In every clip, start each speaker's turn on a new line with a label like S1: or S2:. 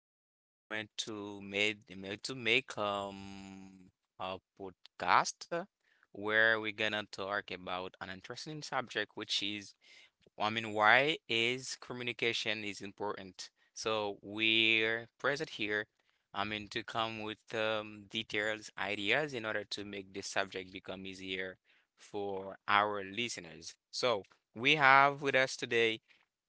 S1: here in this moment to make a podcast where we're gonna talk about an interesting subject, which is I mean, why is communication is important? So we're present here, I mean, to come with details, ideas in order to make this subject become easier for our listeners. So we have with us today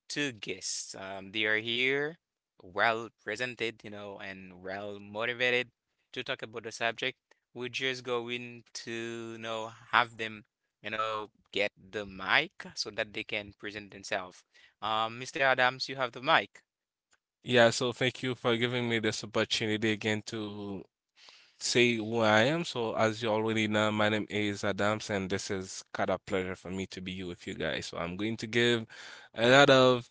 S1: two guests. They are here, well presented, you know, and well motivated to talk about the subject. We're just going to, you know, have them, you know, get the mic so that they can present themselves. Mr. Adams, you have the mic.
S2: Yeah, so thank you for giving me this opportunity again to say who I am. So as you already know, my name is Adams, and this is kind of pleasure for me to be with you guys. So I'm going to give a lot of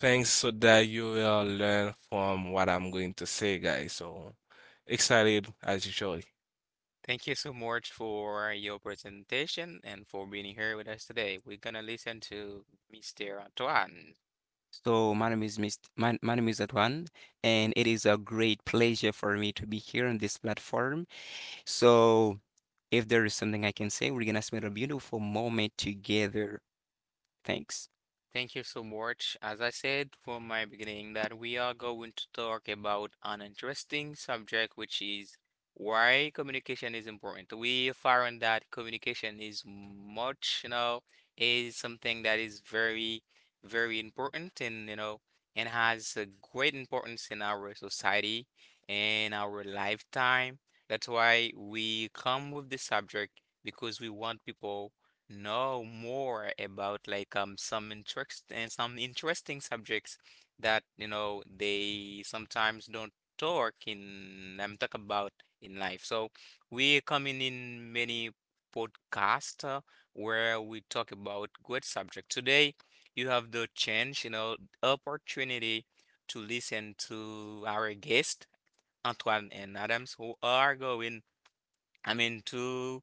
S2: things so that you will learn from what I'm going to say, guys. So excited as usual.
S1: Thank you so much for your presentation and for being here with us today. We're gonna listen to Mr. Antoine.
S3: So my name is my name is Adwan, and it is a great pleasure for me to be here on this platform. So if there is something I can say, we're gonna spend a beautiful moment together. Thanks.
S1: Thank you so much. As I said from my beginning, that we are going to talk about an interesting subject, which is why communication is important. We found that communication is much, you know, is something that is very, very important and, you know, and has a great importance in our society and our lifetime. That's why we come with this subject because we want people know more about like some interest and some interesting subjects that you know they sometimes don't talk in talk about in life. So we coming in many podcasts where we talk about good subject. Today you have the chance, you know, opportunity to listen to our guest Antoine and Adams who are going I mean to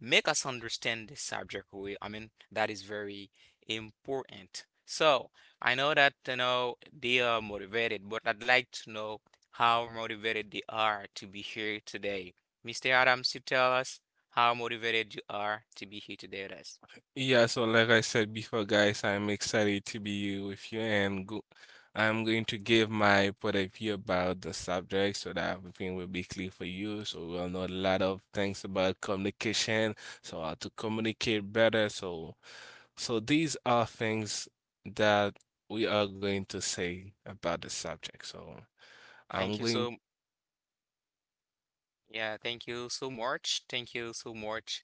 S1: make us understand this subject we, that is very important. So I know that you know they are motivated, but I'd like to know how motivated they are to be here today. Mr. Adams, you tell us how motivated you are to be here today with us.
S2: Yeah, so like I said before, guys, I'm excited to be with you and go I'm going to give my point of view about the subject so that everything will be clear for you. So we'll know a lot of things about communication, so how to communicate better. So these are things that we are going to say about the subject. So I'm
S1: Thank you
S2: going
S1: so Yeah, thank you so much, thank you so much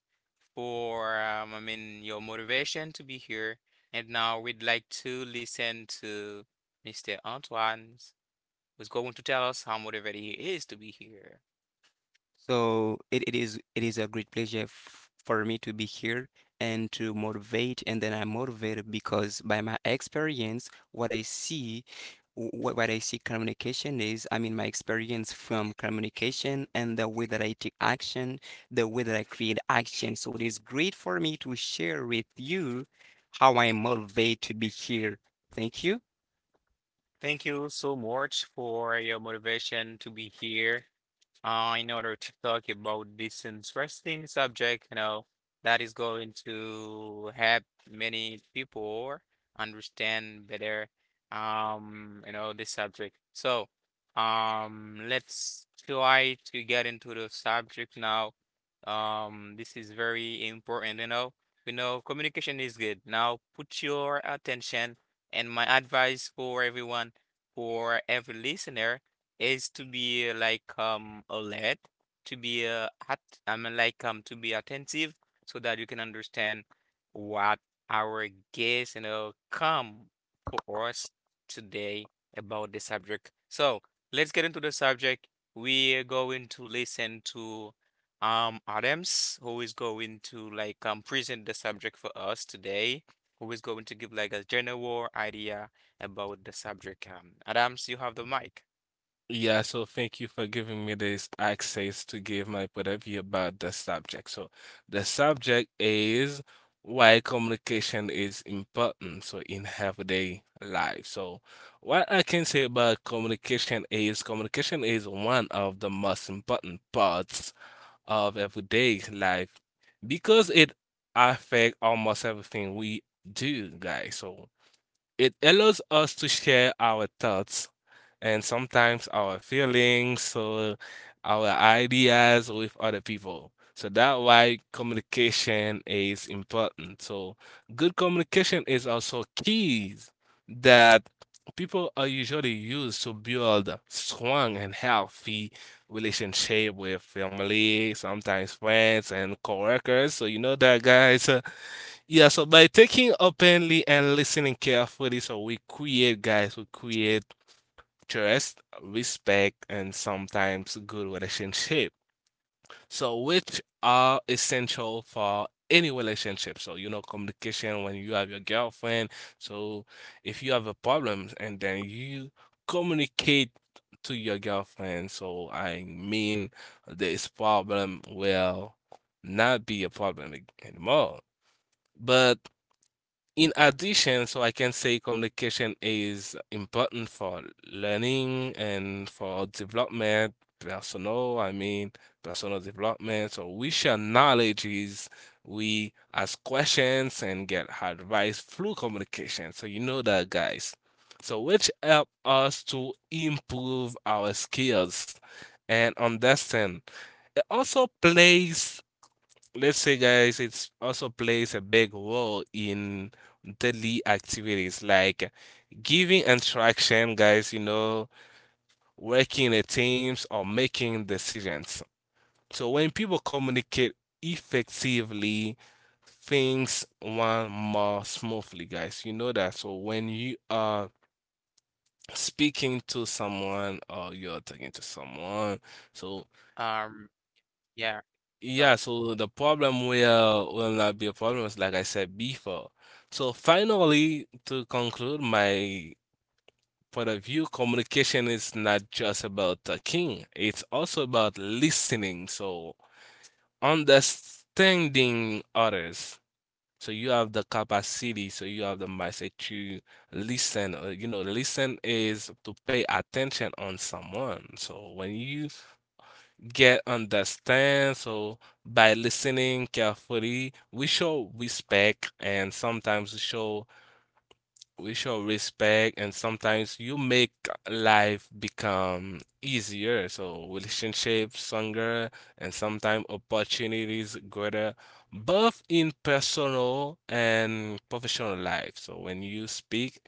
S1: for I mean your motivation to be here. And now we'd like to listen to Mr. Antoine, who's going to tell us how motivated he is to be here.
S3: So it is a great pleasure f for me to be here and to motivate, and then I'm motivated because by my experience, what I see, what I see communication is, I mean my experience from communication and the way that I take action, the way that I create action. So it is great for me to share with you how I am motivated to be here. Thank you.
S1: Thank you so much for your motivation to be here, in order to talk about this interesting subject, you know, that is going to help many people understand better, you know, this subject. So, let's try to get into the subject now. This is very important, you know. You know, communication is good. Now, put your attention and my advice for everyone, for every listener is to be like alert, to be I mean like to be attentive so that you can understand what our guests you know come for us today about the subject. So let's get into the subject. We're going to listen to Adams who is going to like present the subject for us today. Who is going to give like a general idea about the subject. Adams, you have the mic.
S2: Yeah, so thank you for giving me this access to give my point of view about the subject. So the subject is why communication is important so in everyday life. So what I can say about communication is one of the most important parts of everyday life because it affects almost everything we do, guys. So it allows us to share our thoughts and sometimes our feelings or our ideas with other people. So that's why communication is important. So good communication is also keys that people are usually used to build strong and healthy relationship with family, sometimes friends and coworkers. So you know that, guys. Yeah, so by taking openly and listening carefully, so we create, guys, we create trust, respect, and sometimes good relationship. So which are essential for any relationship. So you know communication when you have your girlfriend. So if you have a problem and then you communicate to your girlfriend, so I mean this problem will not be a problem anymore. But in addition, so I can say communication is important for learning and for development, personal, I mean, personal development. So we share knowledge is we ask questions and get advice through communication. So you know that, guys. So which help us to improve our skills and understand. It also plays Let's say, guys, it also plays a big role in daily activities like giving instruction, guys, you know, working in teams or making decisions. So when people communicate effectively, things run more smoothly, guys. You know that. So when you are speaking to someone or you're talking to someone, so
S1: Um, yeah. So
S2: Yeah, so the problem will not be a problem, is like I said before. So finally, to conclude my point of view, communication is not just about talking, it's also about listening. So understanding others. So you have the capacity, so you have the mindset to listen. You know, listen is to pay attention on someone. So when you get understand. So by listening carefully, we show respect, and sometimes we show respect, and sometimes you make life become easier. So relationships stronger and sometimes opportunities greater, both in personal and professional life. So when you speak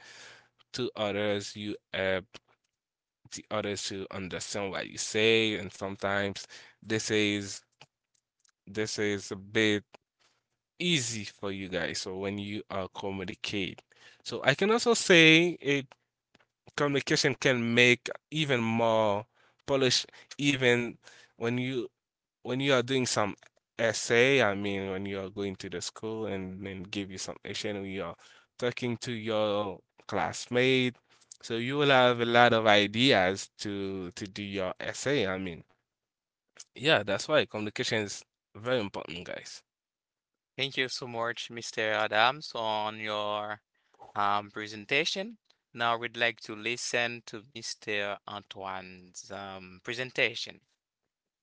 S2: to others, you help the others to understand what you say, and sometimes this is this is a bit easy for you, guys. So when you communicate, so I can also say a communication can make even more polish, even when you are doing some essay. I mean, when you are going to the school and then give you some essay and you are talking to your classmate, so you will have a lot of ideas to do your essay, I mean. Yeah, that's why communication is very important, guys.
S1: thank you so much, Mr. Adams, on your presentation. Now we'd like to listen to Mr. Antoine's presentation.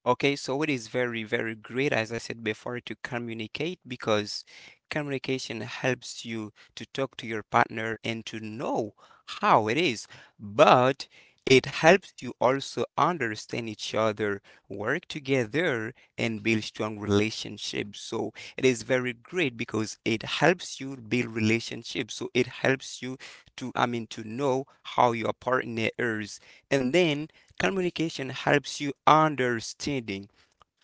S3: Okay, so it is very, very great, as I said before, to communicate because communication helps you to talk to your partner and to know how it is. But it helps you also understand each other, work together, and build strong relationships. So it is very great because it helps you build relationships. So it helps you to, I mean, to know how your partner is. And then communication helps you understanding.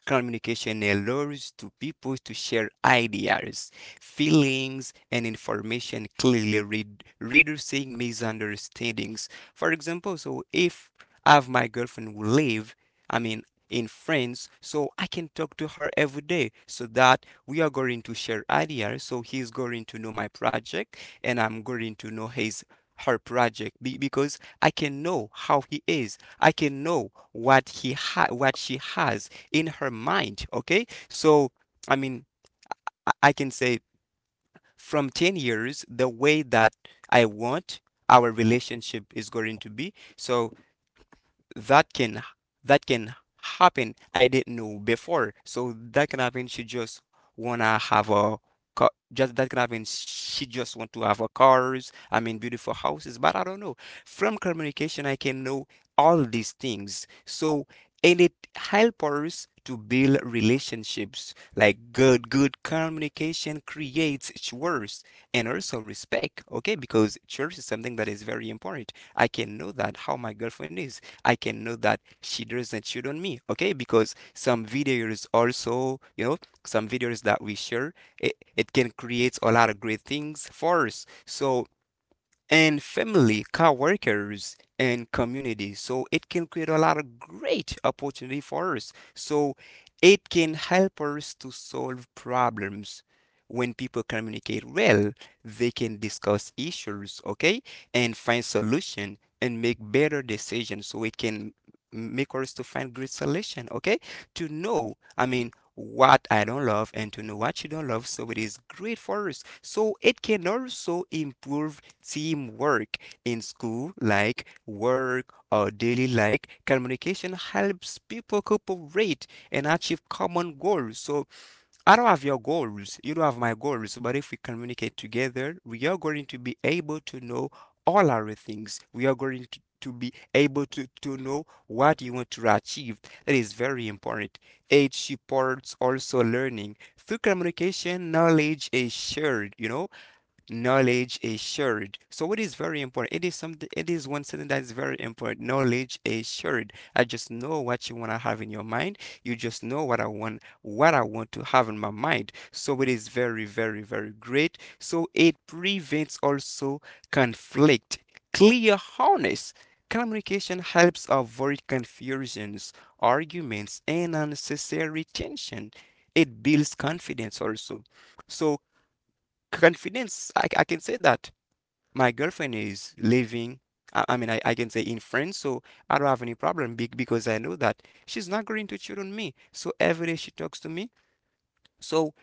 S3: Communication allows two people to share ideas, feelings, and information clearly, reducing misunderstandings. For example, so if I have my girlfriend who live, I mean, in France, so I can talk to her every day so that we are going to share ideas. So he's going to know my project and I'm going to know his her project because I can know how he is. I can know what he ha what she has in her mind, okay? So I mean, I can say from 10 years the way that I want our relationship is going to be. So that can that can happen. I didn't know before, so that can happen. She just wanna have a car. Just that can happen. She just want to have a cars. I mean, beautiful houses. But I don't know. From communication, I can know all these things. So and it helps us to build relationships. Like good communication creates trust and also respect. Okay, because trust is something that is very important. I can know that how my girlfriend is. I can know that she doesn't cheat on me. Okay, because some videos also, you know, some videos that we share, it can create a lot of great things for us. So and family, coworkers, and community. So it can create a lot of great opportunity for us. So it can help us to solve problems. When people communicate well, they can discuss issues, okay, and find solution and make better decisions. So it can make us to find great solution, okay? To know, I mean, what I don't love and to know what you don't love. So it is great for us. So it can also improve teamwork in school, like work or daily like communication helps people cooperate and achieve common goals. So I don't have your goals, you don't have my goals, but if we communicate together, we are going to be able to know all our things. We are going to be able to know what you want to achieve. That is very important. It supports also learning. Through communication, knowledge is shared, you know? Knowledge assured. So it is very important. It is something, it is one thing that is very important. Knowledge assured. I just know what you want to have in your mind. You just know what I want to have in my mind. So it is very, very, very great. So it prevents also conflict. Clear harness. Communication helps avoid confusions, arguments, and unnecessary tension. It builds confidence also. So confidence, I can say that my girlfriend is living, I mean, I can say in France, so I don't have any problem because I know that she's not going to cheat on me. So every day she talks to me, so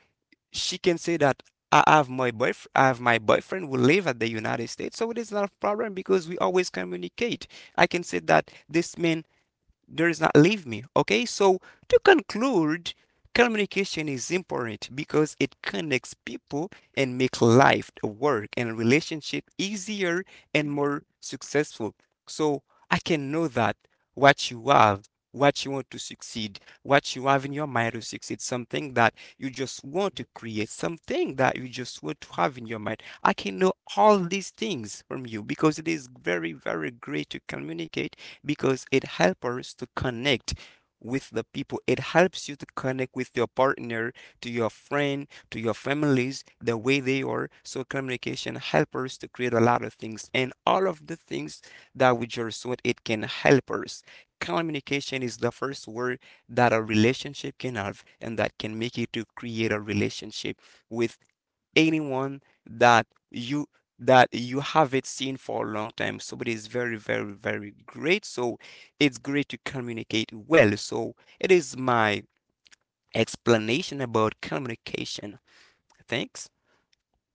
S3: she can say that I have my boyfriend, I have my boyfriend who live at the United States, so it is not a problem because we always communicate. I can say that this man there is not leave me. Okay, so to conclude, communication is important because it connects people and makes life, work, and relationship easier and more successful. So I can know that what you have, what you want to succeed, what you have in your mind to succeed, something that you just want to create, something that you just want to have in your mind. I can know all these things from you because it is very, very great to communicate because it helps us to connect with the people. It helps you to connect with your partner, to your friend, to your families, the way they are. So communication helps us to create a lot of things. And all of the things that we just said, it can help us. Communication is the first word that a relationship can have and that can make you to create a relationship with anyone that you that you haven't seen for a long time. Somebody is very, very, very great. So it's great to communicate well. So it is my explanation about communication. Thanks.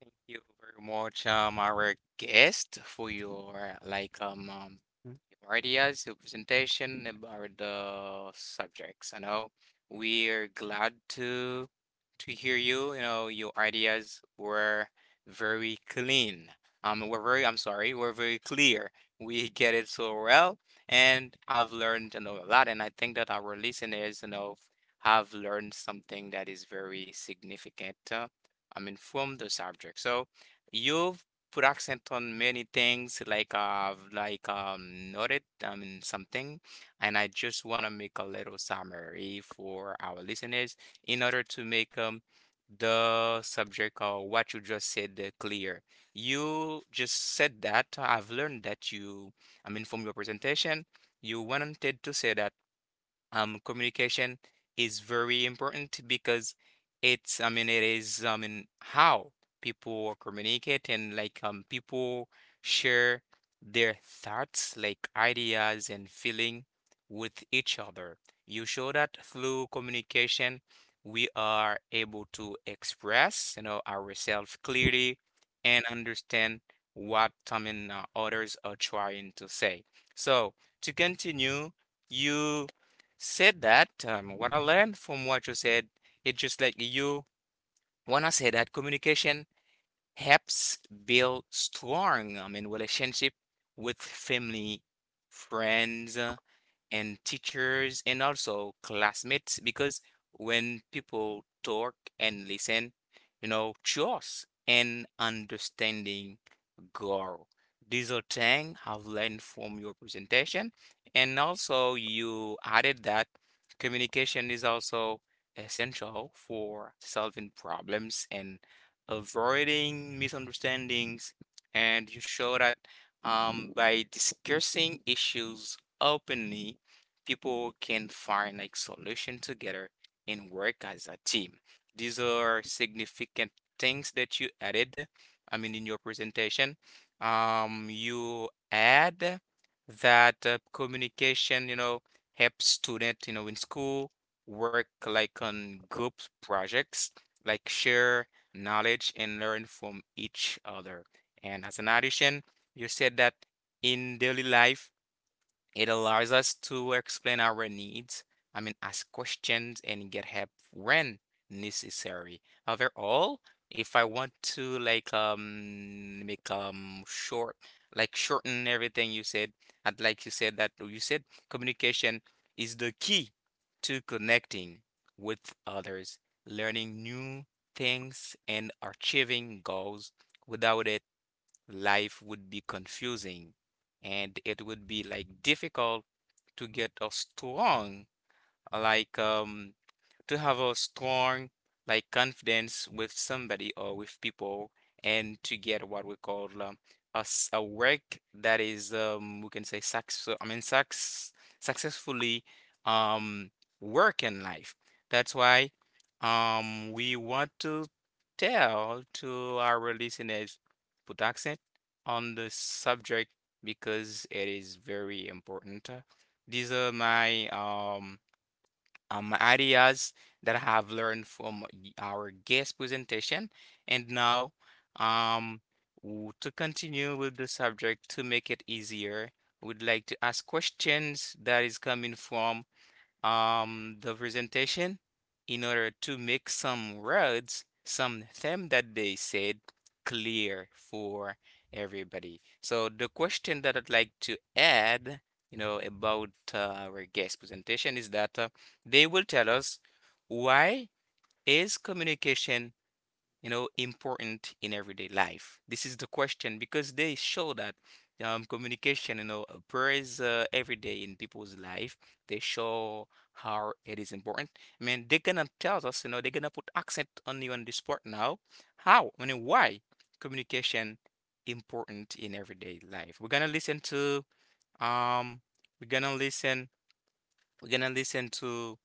S1: Thank you very much, our guest, for your
S3: Mm.
S1: your ideas, your presentation about the subjects. I know we're glad to hear you. You know, your ideas were very clean. We're very, I'm sorry, we're very clear. We get it so well, and I've learned, you know, a lot, and I think that our listeners, you know, have learned something that is very significant. I mean, from the subject. So you've put accent on many things like noted I mean something, and I just want to make a little summary for our listeners in order to make the subject or what you just said clear. You just said that I've learned that you I mean from your presentation you wanted to say that communication is very important because it's I mean it is I mean how people communicate and like people share their thoughts like ideas and feeling with each other. You show that through communication we are able to express you know ourselves clearly and understand what I mean others are trying to say. So to continue, you said that, what I learned from what you said, it's just like you when I say that communication helps build strong, I mean, relationship with family, friends, and teachers, and also classmates. Because when people talk and listen, you know, trust and understanding girl. These are things I've learned from your presentation. And also, you added that communication is also essential for solving problems and avoiding misunderstandings. And you show that by discussing issues openly, people can find like solution together and work as a team. These are significant things that you added, I mean, in your presentation. You add that communication, you know, helps student, you know, in school work like on group projects, like share knowledge and learn from each other. And as an addition, you said that in daily life, it allows us to explain our needs, I mean, ask questions and get help when necessary. Overall, if I want to like make short like shorten everything you said, I'd like you said that you said communication is the key to connecting with others, learning new things and achieving goals. Without it, life would be confusing and it would be like difficult to get a strong, like um, to have a strong like confidence with somebody or with people and to get what we call a work that is we can say success I mean success successfully um work in life. That's why we want to tell to our listeners put accent on the subject because it is very important. These are my um ideas that I have learned from our guest presentation. And now, um, to continue with the subject to make it easier, would like to ask questions that is coming from the presentation in order to make some words, some theme that they said clear for everybody. So the question that I'd like to add, you know, about our guest presentation is that they will tell us why is communication you know important in everyday life. This is the question because they show that communication you know appears every day in people's life. They show how it is important. I mean they're gonna tell us you know they're gonna put accent on you on this part now how I mean why communication important in everyday life. We're gonna listen to um we're gonna listen we're gonna listen to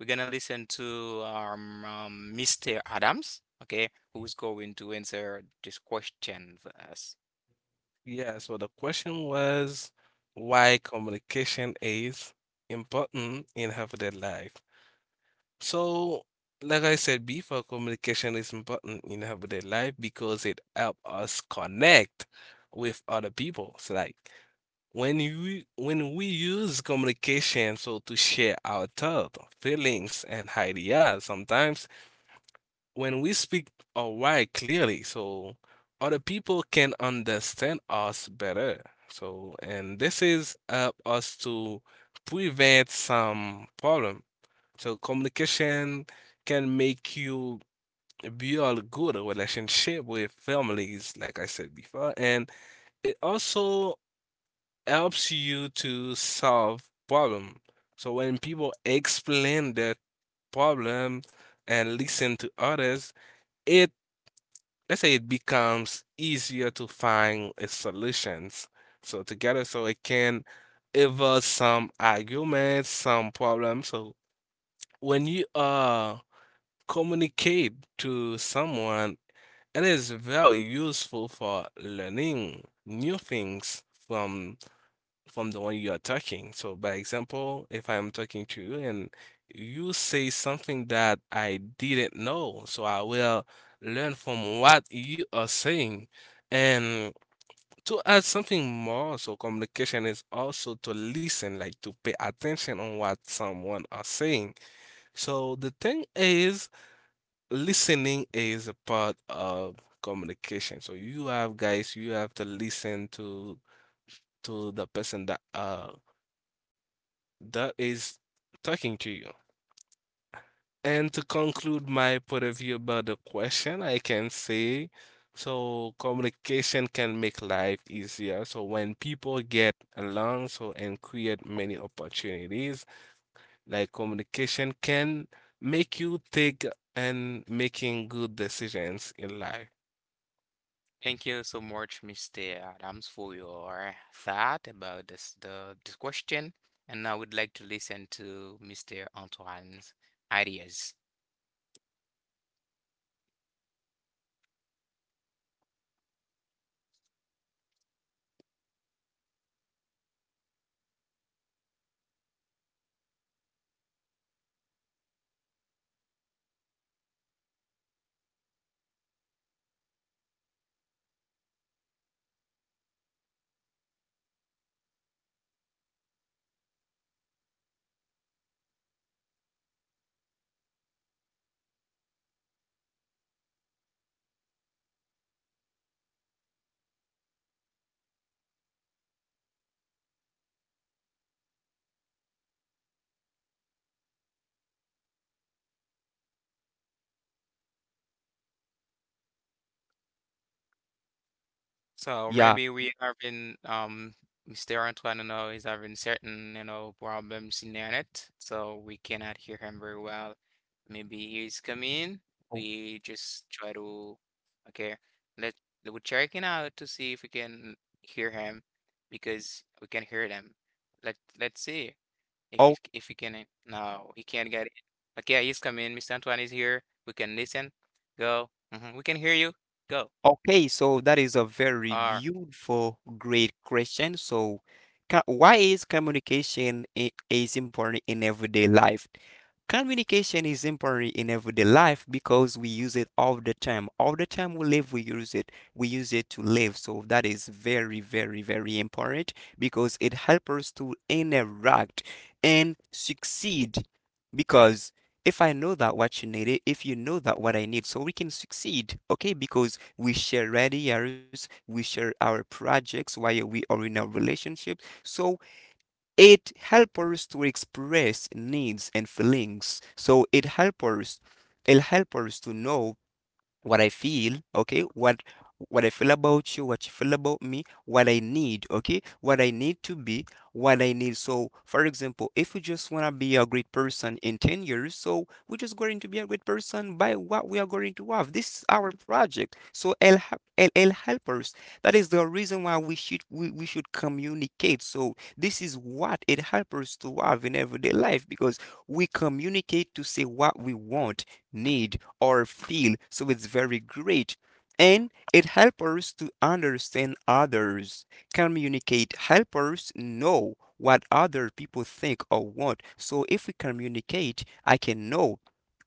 S1: we're gonna listen to Mr. Adams, okay, who's going to answer this question for us.
S2: Yeah, so the question was why communication is important in everyday life. So, like I said before, communication is important in everyday life because it helps us connect with other people. So, like when we use communication, so to share our thoughts, feelings, and ideas, sometimes when we speak our why clearly, so other people can understand us better. So, and this is help us to prevent some problem. So communication can make you build good relationship with families, like I said before, and it also helps you to solve problem. So when people explain their problem and listen to others, it, let's say, it becomes easier to find solutions so together, so it can evolve some arguments, some problems. So when you communicate to someone, it is very useful for learning new things from the one you are talking. So, by example, if I'm talking to you and you say something that I didn't know, so I will learn from what you are saying. And to add something more, so communication is also to listen, like to pay attention on what someone are saying. So the thing is, listening is a part of communication. So you have, guys, you have to listen to the person that is talking to you. And to conclude my point of view about the question, I can say so communication can make life easier. So when people get along, so and create many opportunities, like communication can make you take and making good decisions in life.
S1: Thank you so much, Mr. Adams, for your thought about this question. And I would like to listen to Mr. Antoine's ideas. So
S3: Yeah.
S1: maybe we are in Mr. Antoine, you know, is having certain, you know, problems in the internet, so we cannot hear him very well. Maybe he's coming.
S3: Oh,
S1: We just try to Okay, let we're checking out to see if we can hear him because we can hear them. Let's see if
S3: oh.
S1: if he can. No, he can't get it. Okay, he's coming. Mr. Antoine is here. We can listen. Go. Hmm. We can hear you. Go.
S3: Okay, so that is a very
S1: Or
S3: beautiful, great question. So, why is communication is important in everyday life? Communication is important in everyday life because we use it all the time. All the time we live, we use it. We use it to live. So that is very, very, very important because it helps us to interact and succeed. Because if I know that what you needed, if you know that what I need, so we can succeed, okay? Because we share ideas, we share our projects while we are in a relationship. So it helps us to express needs and feelings. So it helps us to know what I feel, okay, what I feel about you, what you feel about me, what I need, okay, what I need to be, what I need. So, for example, if we just wanna be a great person in 10 years, so we're just going to be a great person by what we are going to have. This is our project. So it'll help us. That is the reason why we should communicate. So this is what it helps us to have in everyday life because we communicate to say what we want, need, or feel. So it's very great. And it helps us to understand others, communicate, helps us know what other people think or want. So if we communicate, I can know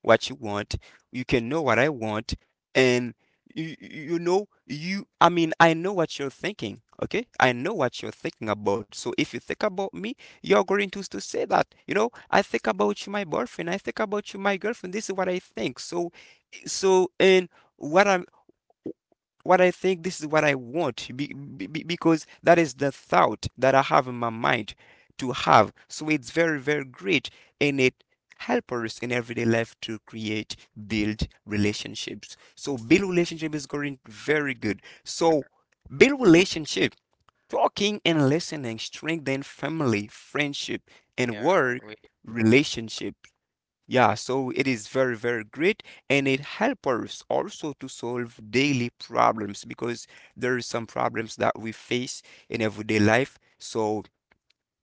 S3: what you want, you can know what I want, and you know you I mean I know what you're thinking, okay? I know what you're thinking about. So if you think about me, you're going to say that, you know, I think about you, my boyfriend, I think about you, my girlfriend. This is what I think. So so and what i'm what I think, this is what I want, because that is the thought that I have in my mind to have. So it's very, very great, and it helps us in everyday life to create, build relationships. So build relationship is going very good. So build relationship, talking and listening, strengthen family,
S1: um.
S3: friendship, and
S1: Yeah, we
S3: work
S1: do.
S3: relationship. Yeah, so it is very, very great, and it helps us also to solve daily problems because there is some problems that we face in everyday life. So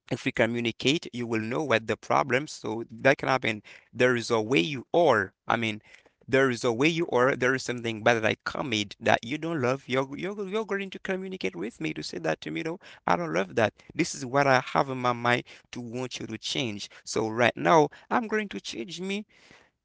S3: if we communicate, you will know what the problems. So that can happen. There is a way you are. I mean, there is a way you are. There is something bad that I commit that you don't love. You're going to communicate with me to say that to me. No, I don't love that. This is what I have in my mind to want you to change. So right now, I'm going to change me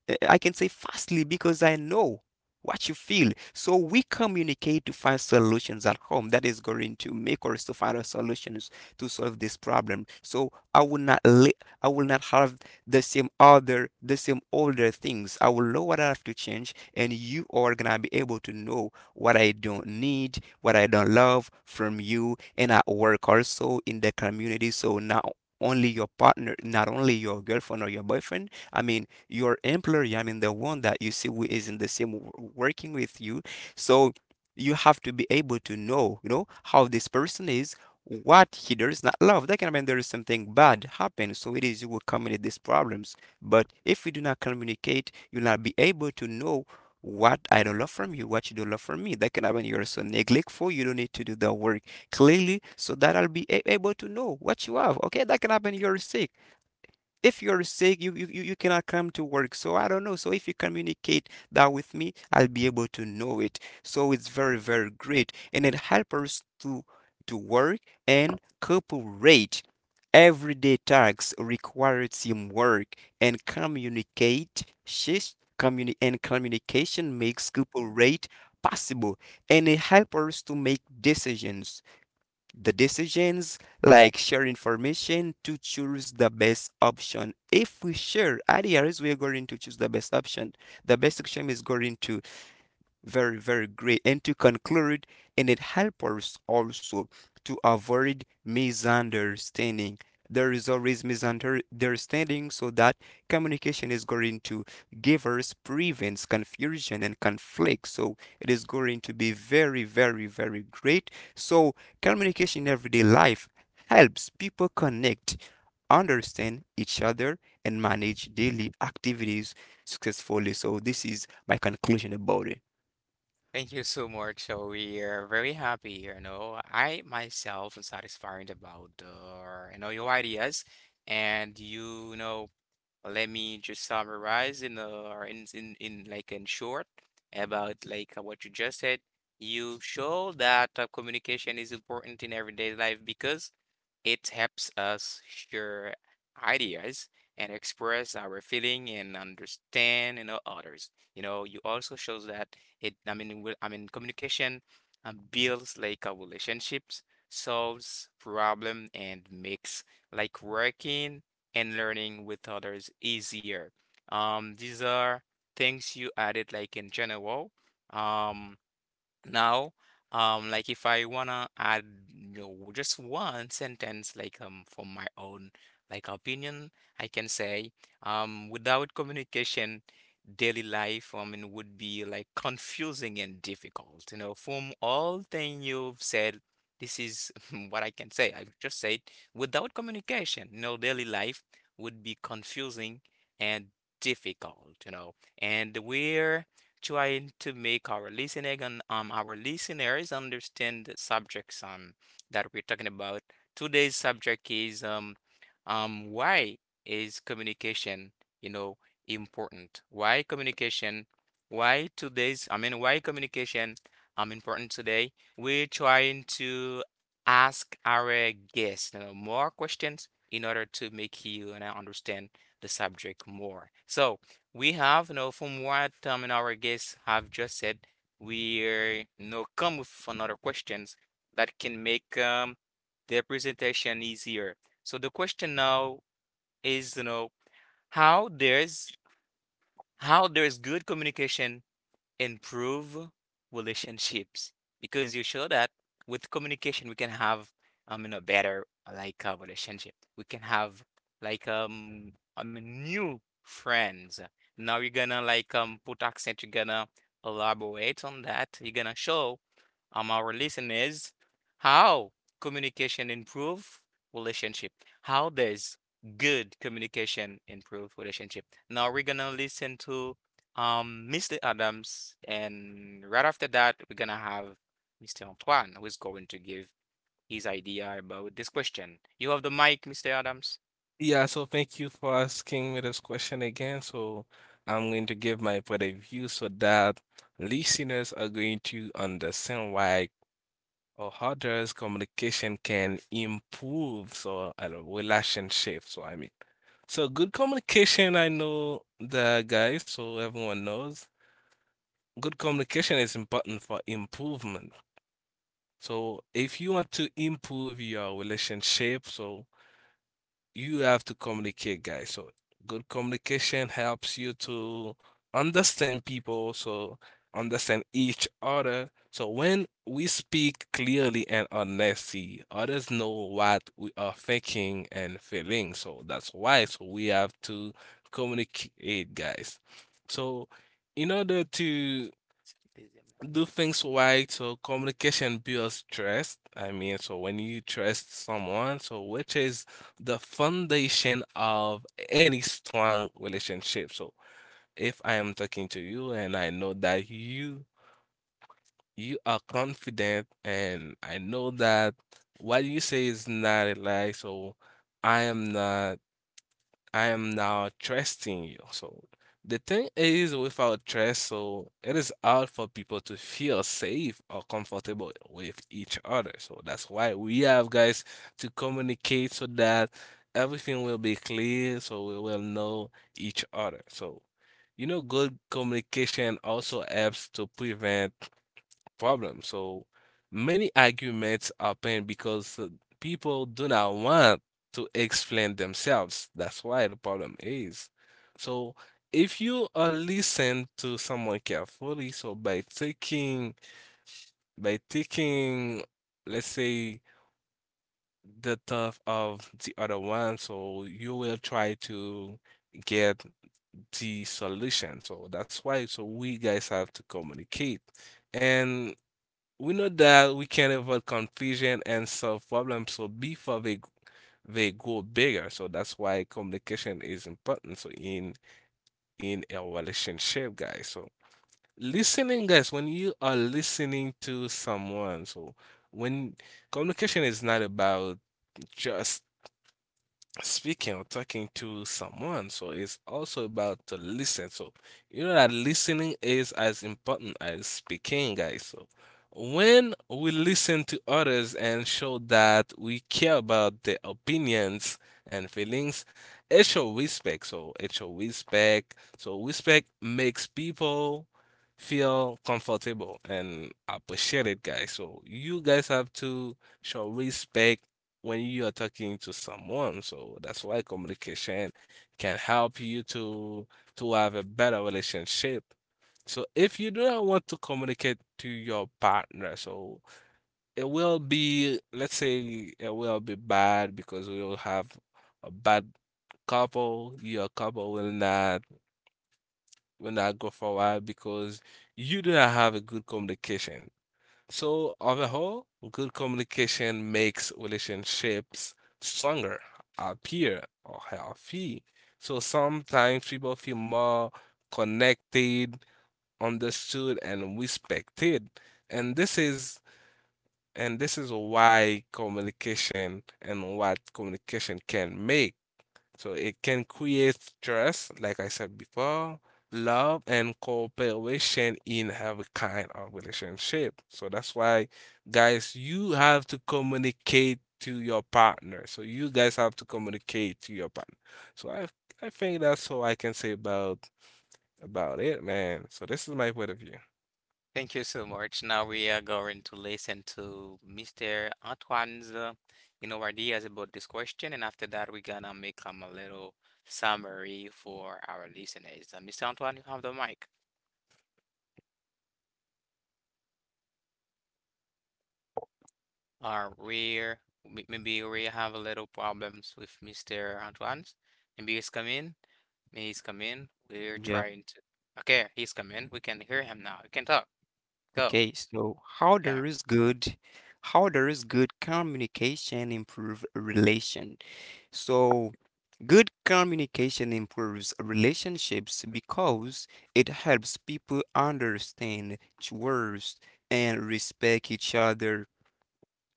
S3: I can say fastly because I know what you feel. So we communicate to find solutions at home that is going to make us to find solutions to solve this problem. So I will not have the same older things. I will know what I have to change and you are gonna be able to know what I don't need, what I don't love from you and at work also in the community. So now only your partner, not only your girlfriend or your boyfriend, I mean, your employee, I mean, the one that you see who is in the same working with you. So you have to be able to know, you know, how this person is, what he does not love. That can mean there is something bad happen. So it is you will communicate these problems. But if you do not communicate, you'll not be able to know what I don't love from you, what you don't love from me. That can happen. You're so neglectful. You don't need to do the work clearly so that I'll be able to know what you have. Okay, that can happen. You're sick. If you're sick you cannot come to work, so I don't know. So if you communicate that with me, I'll be able to know it. So it's very very great and it helps us to work and cooperate. Everyday tasks require teamwork and communication makes cooperate possible. And it helps us to make decisions. the decisions, like share information to choose the best option. If we share ideas, we are going to choose the best option. The best option is going to very very great. And to conclude, and it helps us also to avoid misunderstanding. There is always misunderstanding, so that communication is going to give us prevents confusion and conflict. So it is going to be very very very great. So communication in everyday life helps people connect, understand each other, and manage daily activities successfully. So this is my conclusion about it.
S1: Thank you so much. So we are very happy, you know. I myself am satisfied about you know your ideas, and you know, let me just summarize in like in short about like what you just said. You show that communication is important in everyday life because it helps us share ideas and express our feeling and understand, you know, others. You know, you also shows that I mean, I mean, communication builds like our relationships, solves problem and makes like working and learning with others easier. These are things you added like in general. Um, now, like if I wanna add, you know, just one sentence, like from my own like opinion, I can say, without communication, daily life, I mean, would be like confusing and difficult. You know, from all thing you've said, this is what I can say. I've just said, without communication, you know, daily life would be confusing and difficult. You know, and we're trying to make our listening and our listeners understand the subjects that we're talking about. Today's subject is why is communication, you know, important? Why communication? Why I mean, why communication important today? We're trying to ask our guests, you know, more questions in order to make you and I understand the subject more. So, we have, from what and our guests have just said, we come with another questions that can make the presentation easier. So the question now is, how there's how there's good communication improve relationships because you show that with communication we can have a better a relationship. We can have new friends. Now you're gonna put accent, you're gonna elaborate on that. You're gonna show our listeners how communication improve relationship. How does good communication improve relationship? Now we're gonna listen to Mr. Adams, and right after that, we're gonna have Mr. Antoine, who is going to give his idea about this question. You have the mic, Mr. Adams.
S2: Yeah, so thank you for asking me this question again. So I'm going to give my point of view so that listeners are going to understand why or how does communication can improve, so I don't know, relationship. So I mean, so good communication. I know the guys, so everyone knows good communication is important for improvement. So if you want to improve your relationship, so you have to communicate, guys. So good communication helps you to understand people, so understand each other. So when we speak clearly and honestly, others know what we are thinking and feeling. So that's why so we have to communicate, guys. So in order to do things right, so communication builds trust, I mean, so when you trust someone, so which is the foundation of any strong relationship. So if I am talking to you and I know that you are confident, and I know that what you say is not a lie, so I am not I am now trusting you. So the thing is, without trust, so it is hard for people to feel safe or comfortable with each other. So that's why we have, guys, to communicate so that everything will be clear, so we will know each other. So you know, good communication also helps to prevent problem. So many arguments happen because people do not want to explain themselves. That's why the problem is. So if you listen to someone carefully, so by taking, let's say, the thought of the other one, so you will try to get the solution. So that's why so we, guys, have to communicate. And we know that we can avoid confusion and solve problems so before they grow bigger. So that's why communication is important. So in a relationship, guys. So listening, guys, when you are listening to someone, so when communication is not about just speaking or talking to someone. So it's also about to listen. So you know that listening is as important as speaking, guys. So when we listen to others and show that we care about their opinions and feelings, it show respect. So it show respect. So respect makes people feel comfortable and appreciated, guys. So you guys have to show respect when you are talking to someone. So that's why communication can help you to have a better relationship. So if you do not want to communicate to your partner, so it will be, let's say it will be bad, because we will have a bad couple. Your couple will not go forward because you do not have a good communication. So, on the whole, good communication makes relationships stronger, appear or healthy. So sometimes people feel more connected, understood, and respected. And this is why communication and what communication can make. So it can create trust, like I said before, love and cooperation in every kind of relationship. So that's why, guys, you have to communicate to your partner. So you guys have to communicate to your partner. So I think that's all I can say about it, man. So this is my point of view.
S1: Thank you so much. Now we are going to listen to Mr. Antoine's, you know, ideas about this question, and after that, we're gonna make a little summary for our listeners. Mr. Antoine, you have the mic. Are where maybe we have a little problems with Mr. Antoine. Maybe he's coming. Maybe he's coming. We're
S3: Yeah.
S1: trying to. Okay, he's coming. We can hear him now. We can talk. Go.
S3: Okay. So
S1: Yeah.
S3: how there is good communication improve a relation. So good communication improves relationships because it helps people understand, trust, and respect each other.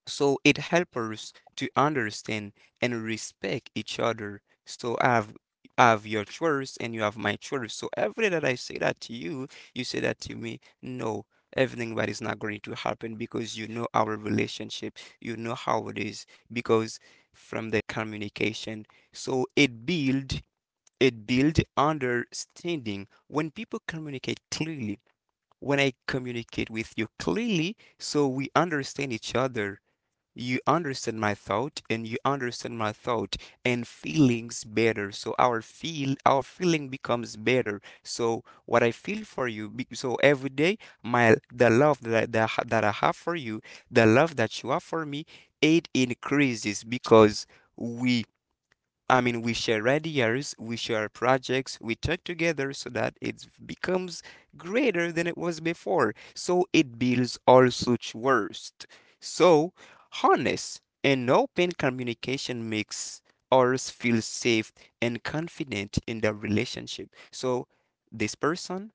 S3: So it helps us to understand and respect each other. So I have your choice and you have my choice. So everything that I say that to you, you say that to me. No, everything that is not going to happen because you know our relationship. You know how it is because from the communication. So it build understanding when people communicate clearly. When I communicate with you clearly, so we understand each other. You understand my thought and feelings better. So our feeling becomes better. So what I feel for you, so every day my the love that I have for you, the love that you have for me, it increases because we, I mean, we share ideas, we share projects, we talk together so that it becomes greater than it was before. So it builds also trust. So honest and open communication makes ours feel safe and confident in the relationship. So this person,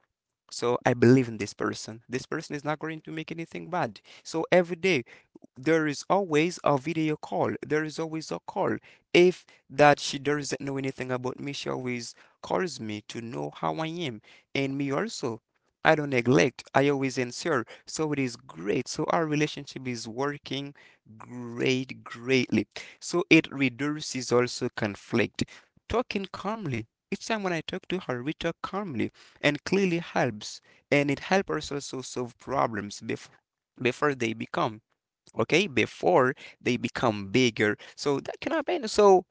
S3: so I believe in this person. This person is not going to make anything bad. So every day, there is always a video call. There is always a call. If that she doesn't know anything about me, she always calls me to know how I am. And me also. I don't neglect. I always answer. So it is great. So our relationship is working great, greatly. So it reduces also conflict. Talking calmly, each time when I talk to her, we talk calmly and clearly helps. And it helps us also solve problems before they become okay before they become bigger. So that can happen. So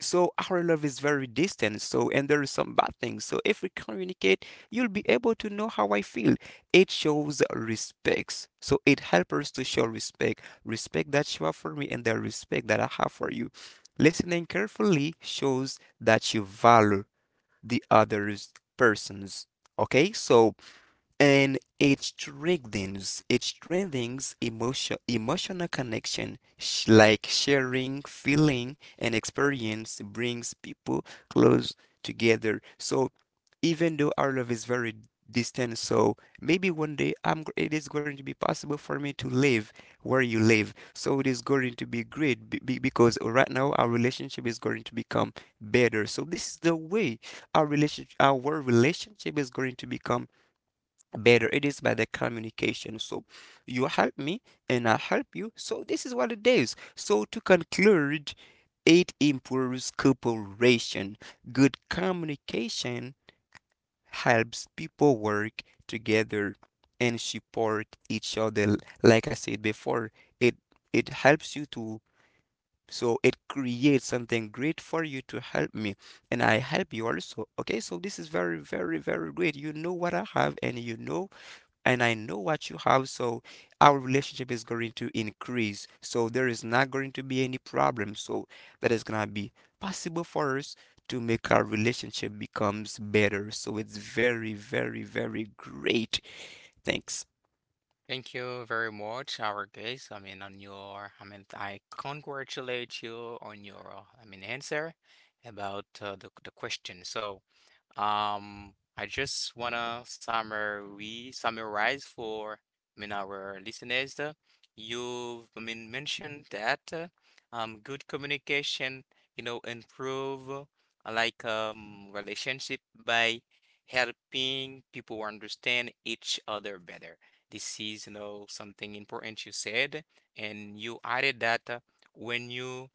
S3: so our love is very distant. So and there is some bad things. So if we communicate, you'll be able to know how I feel. It shows respects. So it helps us to show respect, respect that you have for me and the respect that I have for you. Listening carefully shows that you value the other person's. Okay, so and it strengthens emotional connection. Like sharing feeling and experience brings people close together. So even though our love is very distant, so maybe one day it is going to be possible for me to live where you live. So it is going to be great because right now our relationship is going to become better. So this is the way our relationship is going to become better. It is by the communication. So you help me and I help you. So this is what it is. So to conclude, it improves cooperation. Good communication helps people work together and support each other. Like I said before, it it helps you to, so it creates something great for you to help me and I help you also. Okay, so this is very very very great. You know what I have and you know and I know what you have, so our relationship is going to increase. So there is not going to be any problem. So that is gonna be possible for us to make our relationship becomes better. So it's very, very, very great. Thanks.
S1: Thank you very much, our guest. I mean, on your, I mean, I congratulate you on your, I mean, answer about the question. So. I just wanna summary summarize for, I mean, our listeners. You've, I mean, mentioned that good communication, you know, improve relationship by helping people understand each other better. This is, you know, something important you said, and you added that when you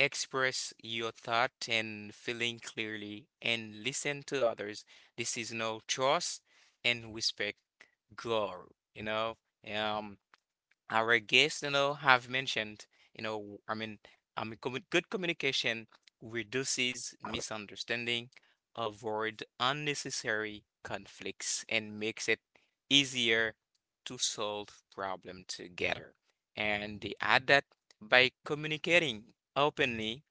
S1: express your thought and feeling clearly and listen to others. This is no trust and respect grow, you know. Um our guests, you know, have mentioned, you know, I mean, good communication reduces misunderstanding, avoid unnecessary conflicts, and makes it easier to solve problem together. And they add that by communicating openly,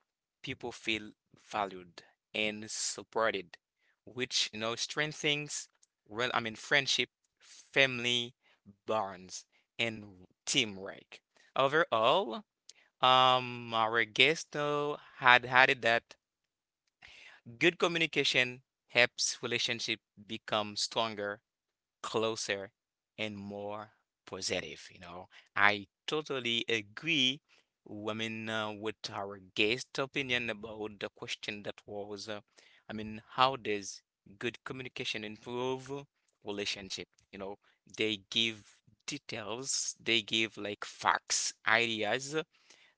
S1: people feel valued and supported, which, you know, strengthens, well, I mean, friendship, family bonds and teamwork. Overall, our guest though had added that good communication helps relationship become stronger closer and more positive. You know, I totally agree. I mean, with our guest opinion about the question that was, I mean, how does good communication improve relationship? You know, they give details, they give like facts, ideas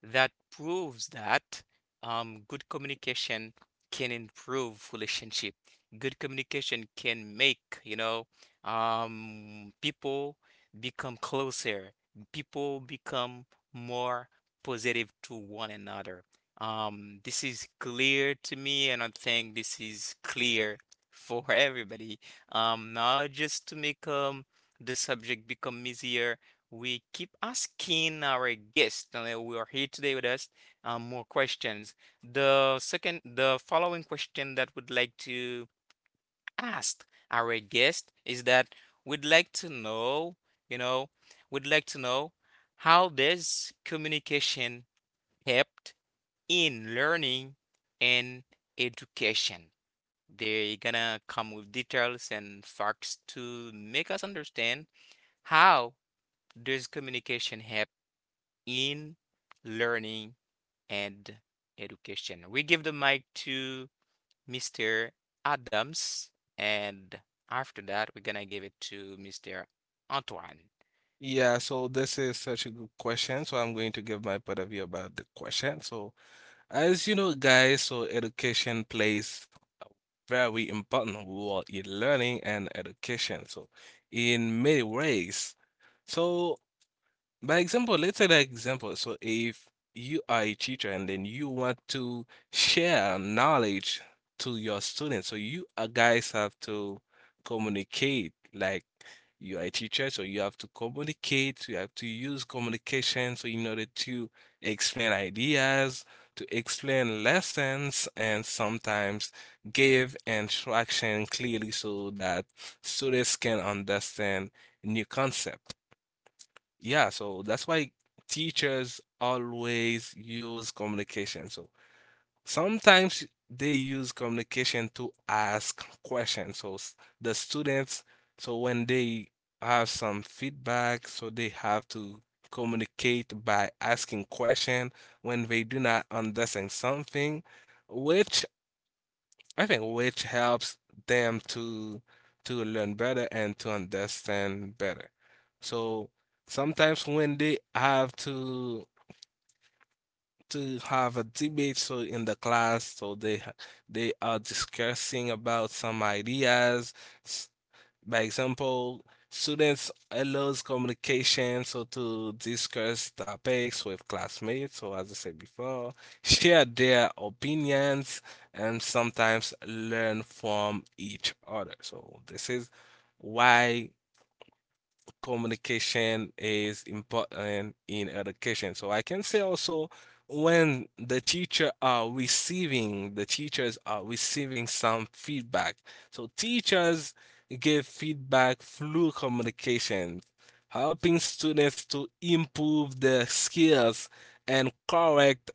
S1: that proves that good communication can improve relationship. Good communication can make, you know, people become closer. People become more positive to one another. This is clear to me, and I think this is clear for everybody. Not just to make the subject become easier, we keep asking our guests, who are here today with us, more questions. The following question that we'd like to ask our guest is that we'd like to know, you know, we'd like to know how does communication helped in learning and education? They're gonna come with details and facts to make us understand how does communication help in learning and education. We give the mic to Mr. Adams, and after that, we're gonna give it to Mr. Antoine.
S2: Yeah, so this is such a good question. So I'm going to give my point of view about the question. So as you know, guys, so education plays very important role in learning and education. So, in many ways, so by example, let's say that example. So if you are a teacher and then you want to share knowledge to your students, so you guys have to communicate. Like you are a teacher, so you have to communicate. You have to use communication so in order to explain ideas, to explain lessons, and sometimes give instruction clearly so that students can understand new concept. Yeah, so that's why teachers always use communication. So sometimes they use communication to ask questions. So the students, so when they have some feedback, so they have to communicate by asking question when they do not understand something, which I think which helps them to learn better and to understand better. So sometimes when they have to have a debate so in the class so they are discussing about some ideas by example, students allows communication, so to discuss topics with classmates, so as I said before, share their opinions, and sometimes learn from each other. So this is why communication is important in education. So I can say also when the teacher are receiving, the teachers are receiving some feedback. So teachers give feedback through communication, helping students to improve their skills and correct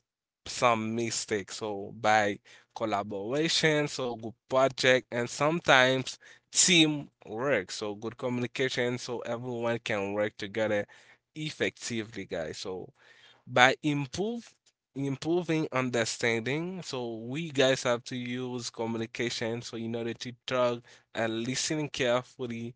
S2: some mistakes. So by collaboration, so group project, and sometimes teamwork. So good communication so everyone can work together effectively, guys. So by improve improving understanding, so we guys have to use communication so in order to talk and listen carefully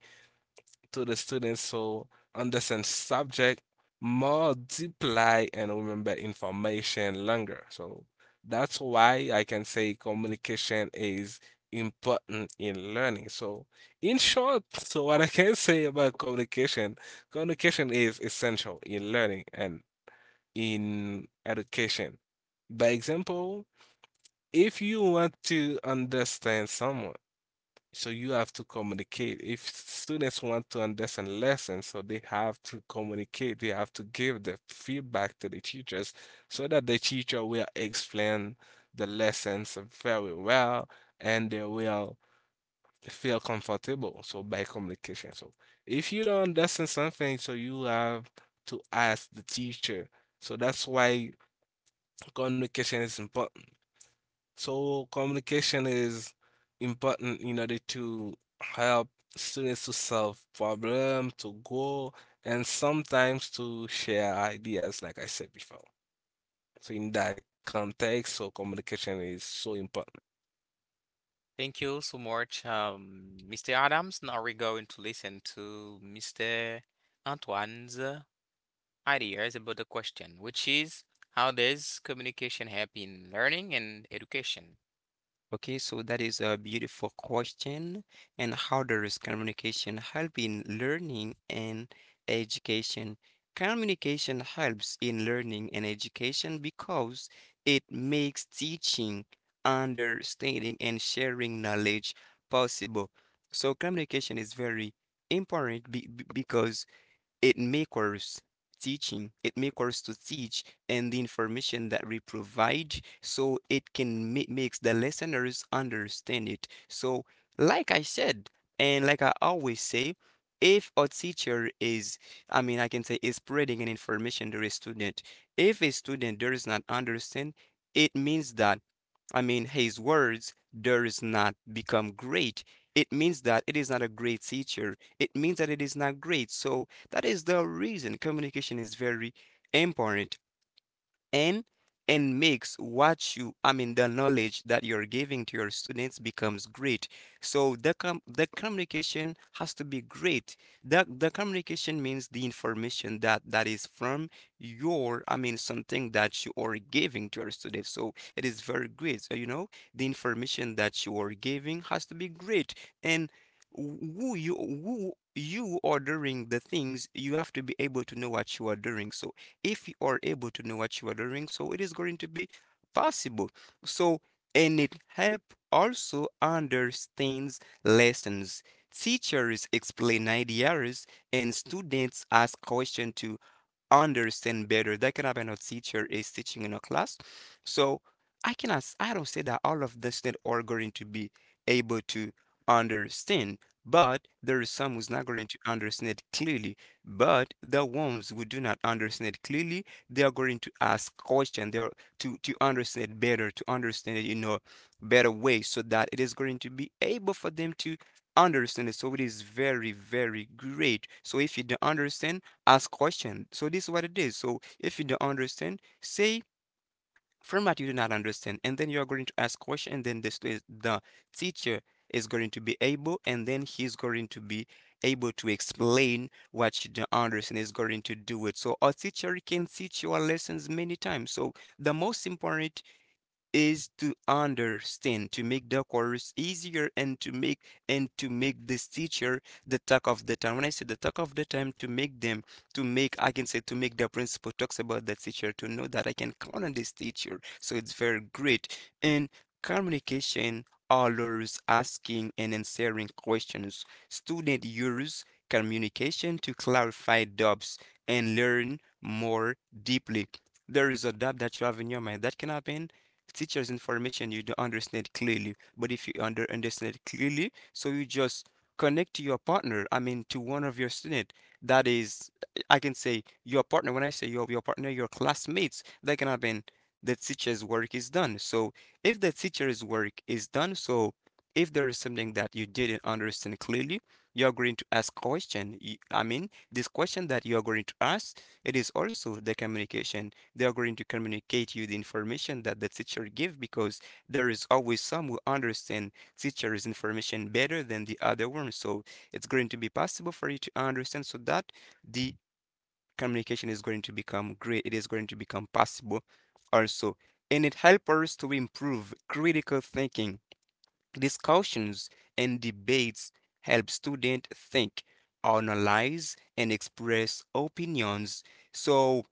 S2: to the students so understand subject more deeply and remember information longer. So that's why I can say communication is important in learning. So in short, so what I can say about communication, communication is essential in learning and in education. By example, if you want to understand someone, so you have to communicate. If students want to understand lessons, so they have to communicate. They have to give the feedback to the teachers so that the teacher will explain the lessons very well and they will feel comfortable. So by communication. So if you don't understand something, so you have to ask the teacher. So that's why communication is important. So communication is important in order to help students to solve problem, to grow, and sometimes to share ideas, like I said before. So in that context, so communication is so important.
S1: Thank you so much, Mr. Adams. Now we're going to listen to Mr. Antoine's ideas about the question, which is how does communication help in learning and education?
S3: Okay, so that is a beautiful question. And how does communication help in learning and education? Communication helps in learning and education because it makes teaching, understanding, and sharing knowledge possible. So communication is very important because it makes teaching, it makes us to teach and the information that we provide so it can makes the listeners understand it. So like I said, and like I always say, if a teacher is, I mean, I can say is spreading an information to a student, if a student does not understand, it means that, I mean, his words does not become great. It means that it is not a great teacher. It means that it is not great. So that is the reason communication is very important and makes what you, I mean, the knowledge that you're giving to your students becomes great. So the communication has to be great. The communication means the information that is from your, I mean, something that you are giving to your students. So it is very great. So you know the information that you are giving has to be great. And who you are doing the things, you have to be able to know what you are doing. So if you are able to know what you are doing, so it is going to be possible. So and it help also understands lessons. Teachers explain ideas and students ask questions to understand better. That can happen, a teacher is teaching in a class. So I cannot, I don't say that all of the students are going to be able to understand, but there is some who's not going to understand it clearly. But the ones who do not understand it clearly, they are going to ask questions. They are to understand it better, to understand it, you know, better way, so that it is going to be able for them to understand it. So it is very, very great. So if you don't understand, ask question. So this is what it is. So if you don't understand, say from what you do not understand, and then you are going to ask question, and then the teacher is going to be able, and then he's going to be able to explain what you don't understand is going to do it. So a teacher can teach your lessons many times. So the most important is to understand, to make the course easier and to make this teacher the talk of the time. When I say the talk of the time, to make them, to make, I can say, to make the principal talks about the teacher, to know that I can count on this teacher. So it's very great. And communication always asking and answering questions. Student use communication to clarify doubts and learn more deeply. There is a doubt that you have in your mind. That can happen teacher's information you don't understand clearly. But if you understand clearly, so you just connect to your partner, I mean to one of your student. That is, I can say, your partner. When I say your partner, your classmates, that can happen. The teacher's work is done. So if the teacher's work is done, so if there is something that you didn't understand clearly, you're going to ask question. I mean, this question that you're going to ask, it is also the communication. They are going to communicate you the information that the teacher gives because there is always some who understand teacher's information better than the other one. So it's going to be possible for you to understand so that the communication is going to become great. It is going to become possible also. And it helps us to improve critical thinking. Discussions and debates help students think, analyze, and express opinions. So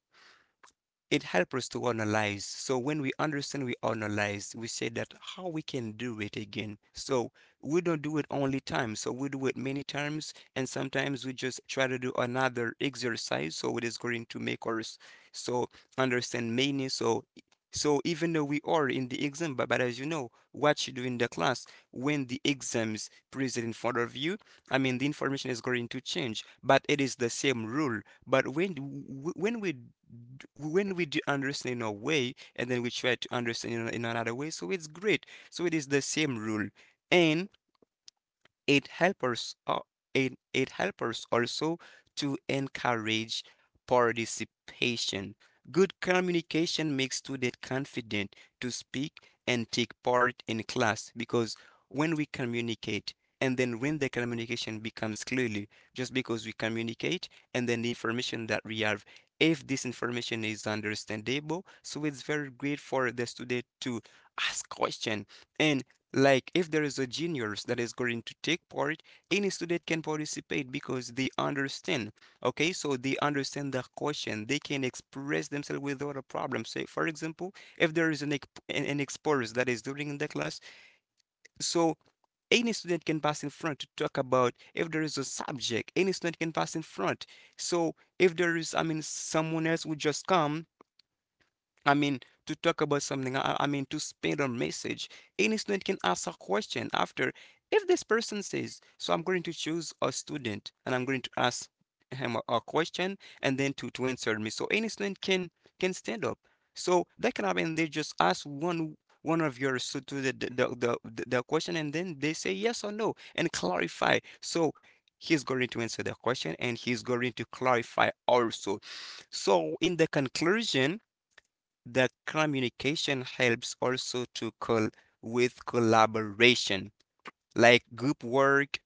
S3: it helps us to analyze. So when we understand, we analyze, we say that how we can do it again. So we don't do it only time. So we do it many times, and sometimes we just try to do another exercise. So it is going to make us so understand many. So even though we are in the exam, but as you know, what you do in the class when the exams present in front of you, I mean the information is going to change, but it is the same rule. But when we d- When we do understand in a way and then we try to understand in, in another way, so it's great, so it is the same rule. And it helps it helps also to encourage participation. Good communication makes students confident to speak and take part in class because when we communicate and then when the communication becomes clearly just because we communicate and then the information that we have, if this information is understandable, so it's very great for the student to ask question. And like if there is a juniors that is going to take part, any student can participate because they understand. Okay, so they understand the question. They can express themselves without a problem. Say, for example, if there is an exposure that is during the class, so any student can pass in front to talk about if there is a subject, any student can pass in front. So if there is, I mean someone else would just come, I mean, to talk about something, I mean, to spread a message, any student can ask a question after. If this person says, so I'm going to choose a student and I'm going to ask him a question and then to answer me. So any student can stand up. So that can happen. They just ask one of your student the question and then they say yes or no and clarify. So he's going to answer the question and he's going to clarify also. So in the conclusion, the communication helps also to col with collaboration like group work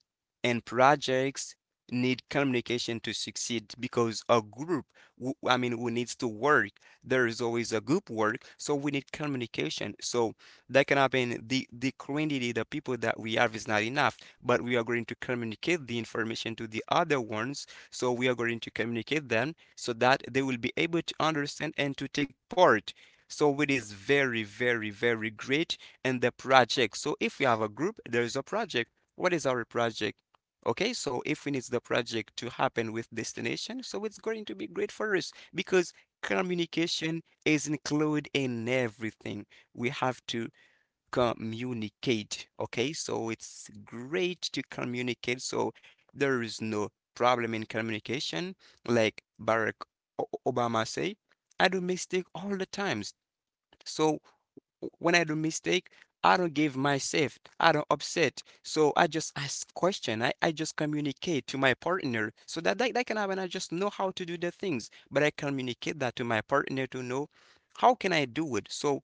S3: and projects need communication to succeed because a group who, I mean who needs to work, there is always a group work, so we need communication. So that can happen, the quantity the people that we have is not enough, but we are going to communicate the information to the other ones, so we are going to communicate them so that they will be able to understand and to take part. So it is very, very, very great. And the project. So if we have a group, there is a project. What is our project? Okay, so if we need the project to happen with destination, so it's going to be great for us because communication is included in everything. We have to communicate. Okay, so it's great to communicate. So there is no problem in communication, like Barack Obama say. I do mistake all the times. So when I do mistake, I don't give myself, I don't upset. So I just ask question. I just communicate to my partner so that, that can happen. I just know how to do the things, but I communicate that to my partner to know how can I do it. So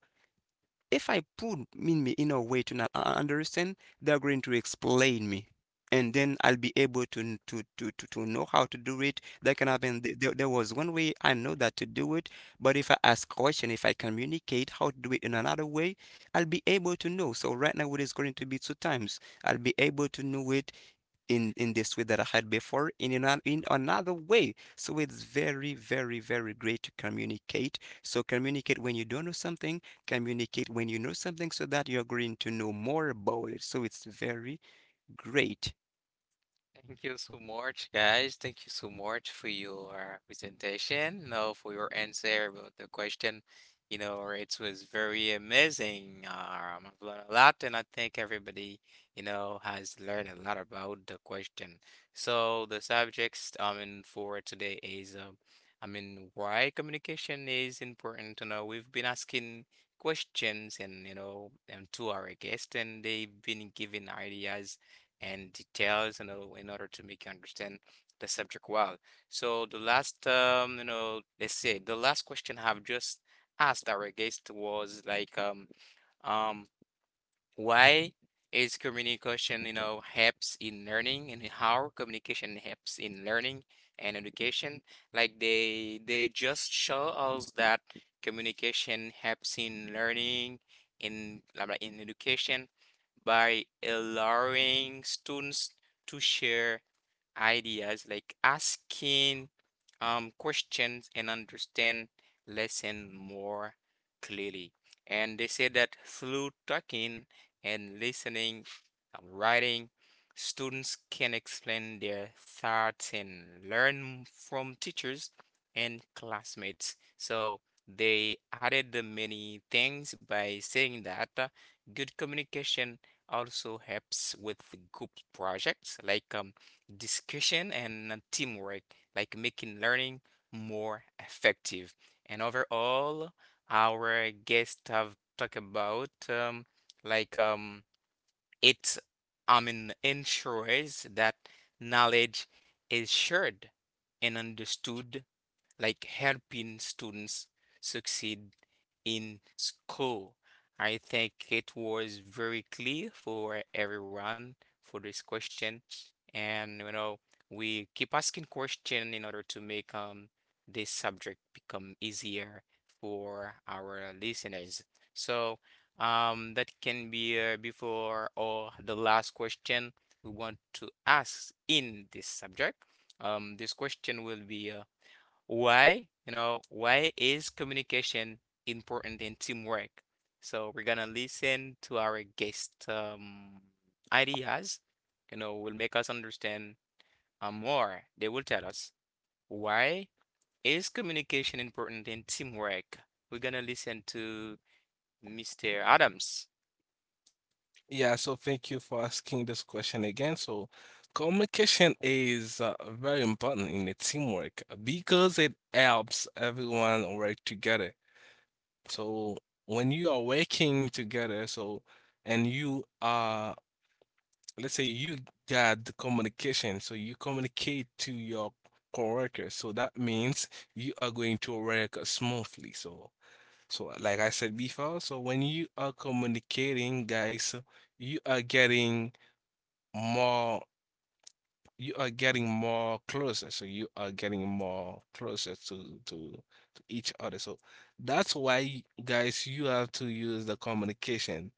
S3: if I put in me in a way to not understand, they're going to explain me. And then I'll be able to to know how to do it. That can happen. There was one way I know that to do it, but if I ask question, if I communicate how to do it in another way, I'll be able to know. So right now it is going to be two times. I'll be able to know it in this way that I had before in another way. So it's very, very, very great to communicate. So communicate when you don't know something, communicate when you know something so that you're going to know more about it. So it's very great.
S1: Thank you so much, guys. Thank you so much for your presentation, you know, for your answer about the question. You know, it was very amazing. I've learned a lot, and I think everybody, you know, has learned a lot about the question. So the subjects, I mean, for today is, I mean, why communication is important. You know, we've been asking questions, and you know, and to our guests, and they've been giving ideas and details, you know, in order to make you understand the subject well. So the last, you know, let's say the last question I've just asked our guest was like, um, why is communication, you know, helps in learning and how communication helps in learning and education? Like they just show us that communication helps in learning in education by allowing students to share ideas like asking questions and understand lesson more clearly. And they said that through talking and listening, writing, students can explain their thoughts and learn from teachers and classmates. So they added the many things by saying that good communication also helps with group projects like discussion and teamwork, like making learning more effective. And overall, our guests have talked about like um, it, I mean, ensures that knowledge is shared and understood like helping students succeed in school. I think it was very clear for everyone for this question. And you know, we keep asking question in order to make this subject become easier for our listeners. So that can be before or the last question we want to ask in this subject. This question will be why? You know, why is communication important in teamwork? So we're gonna listen to our guest ideas. You know, will make us understand more. They will tell us why is communication important in teamwork. We're gonna listen to Mr. Adams.
S2: Yeah, so thank you for asking this question again. So communication is very important in a teamwork because it helps everyone work together. So when you are working together, so and you are, let's say you got the communication, so you communicate to your coworkers. So that means you are going to work smoothly. So so like I said before, so when you are communicating, guys, you are getting more you are getting more closer so you are getting more closer to each other so that's why guys you have to use the communication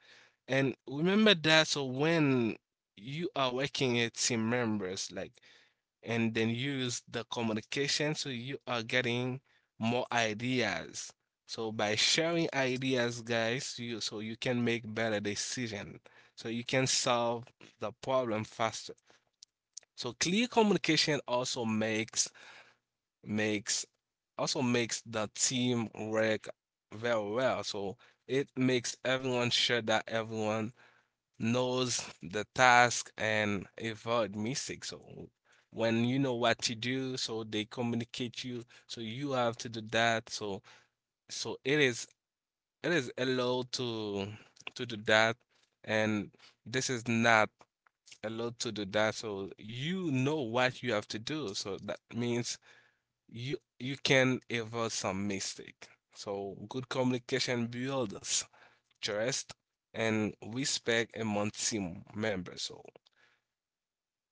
S2: and remember that so when you are working with team members like and then use the communication so you are getting more ideas so by sharing ideas guys you so you can make better decision so you can solve the problem faster so clear communication also makes makes also makes the team work very well. So it makes everyone sure that everyone knows the task and avoid mistakes. So when you know what to do, so they communicate you, so you have to do that. So so it is allowed to do that, and this is not a lot to do that. So you know what you have to do. So that means you can avoid some mistake. So good communication builds trust and respect among team members. So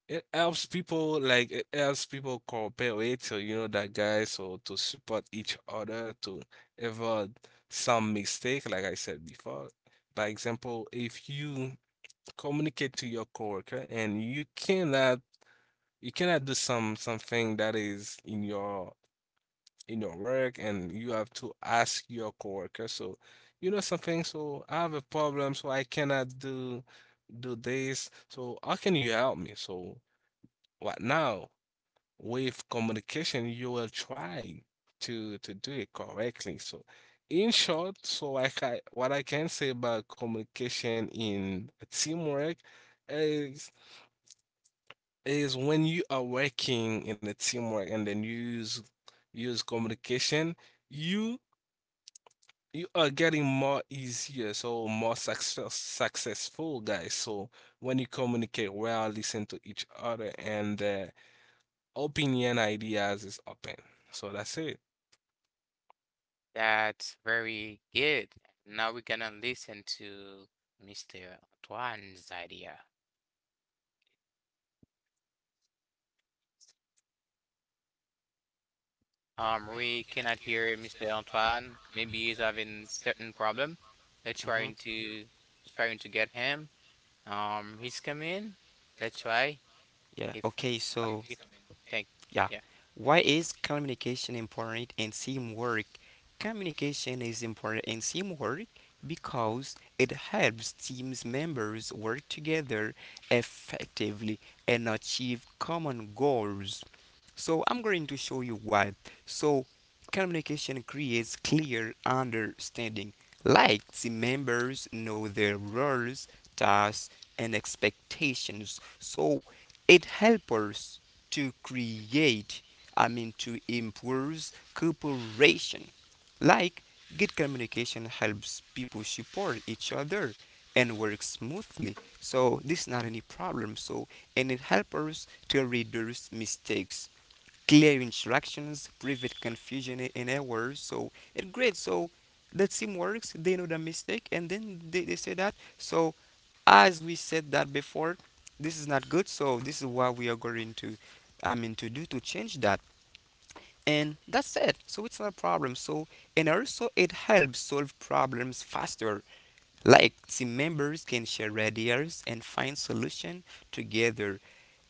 S2: it helps people like it helps people cooperate. So you know that guy. So to support each other to avoid some mistake, like I said before. By example, if you communicate to your coworker and you cannot do something that is in your work and you have to ask your coworker. So, you know something, so I have a problem, so I cannot do this. So how can you help me? So what now? With communication, you will try to do it correctly. So in short, so like I ca what I can say about communication in teamwork is is when you are working in a teamwork and then you use communication, you you are getting more easier, so more successful guys. So when you communicate well, listen to each other, and opinion ideas is open. So that's it.
S1: That's very good. Now we're gonna listen to Mr. Antoine's idea. We cannot hear Mr. Antoine. Maybe he's having certain problem. Let's
S3: Mhm.
S1: trying to let's trying to get him. He's coming. Let's try
S3: Yeah.
S1: if
S3: Okay.
S1: okay.
S3: So,
S1: We thank
S3: yeah.
S1: yeah.
S3: Why is communication important and teamwork? Communication is important in teamwork because it helps teams members work together effectively and achieve common goals. So I'm going to show you why. So communication creates clear understanding. Like team members know their roles, tasks, and expectations. So it helps us to create, I mean, to improve cooperation. Like good communication helps people support each other and work smoothly. So this is not any problem. So and it helps us to reduce mistakes, clear instructions, prevent confusion and errors. So it's great. So the team works, they know the mistake, and then they say that. So as we said that before, this is not good. So this is what we are going to, I mean, to do to change that. And that's it. So it's not a problem. So and also it helps solve problems faster, like team members can share ideas and find solution together.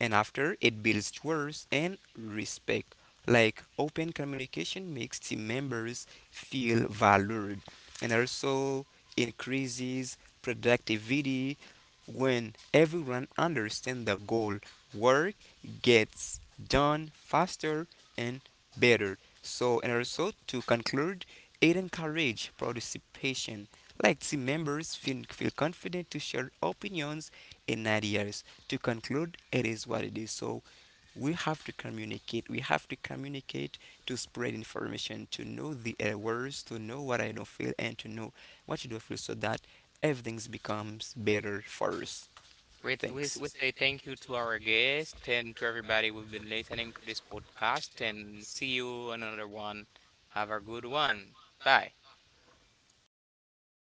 S3: And after, it builds trust and respect. Like open communication makes team members feel valued and also increases productivity. When everyone understands the goal, work gets done faster and better. So, and also to conclude, it encourages participation. Like team members feel confident to share opinions and ideas. To conclude, it is what it is. So we have to communicate. We have to communicate to spread information, to know the errors, to know what I don't feel, and to know what you don't feel, so that everything becomes better for us.
S1: We
S3: Thanks.
S1: say thank you to our guest and to everybody who've been listening to this podcast. And see you on another one. Have a good one. Bye.
S3: Okay.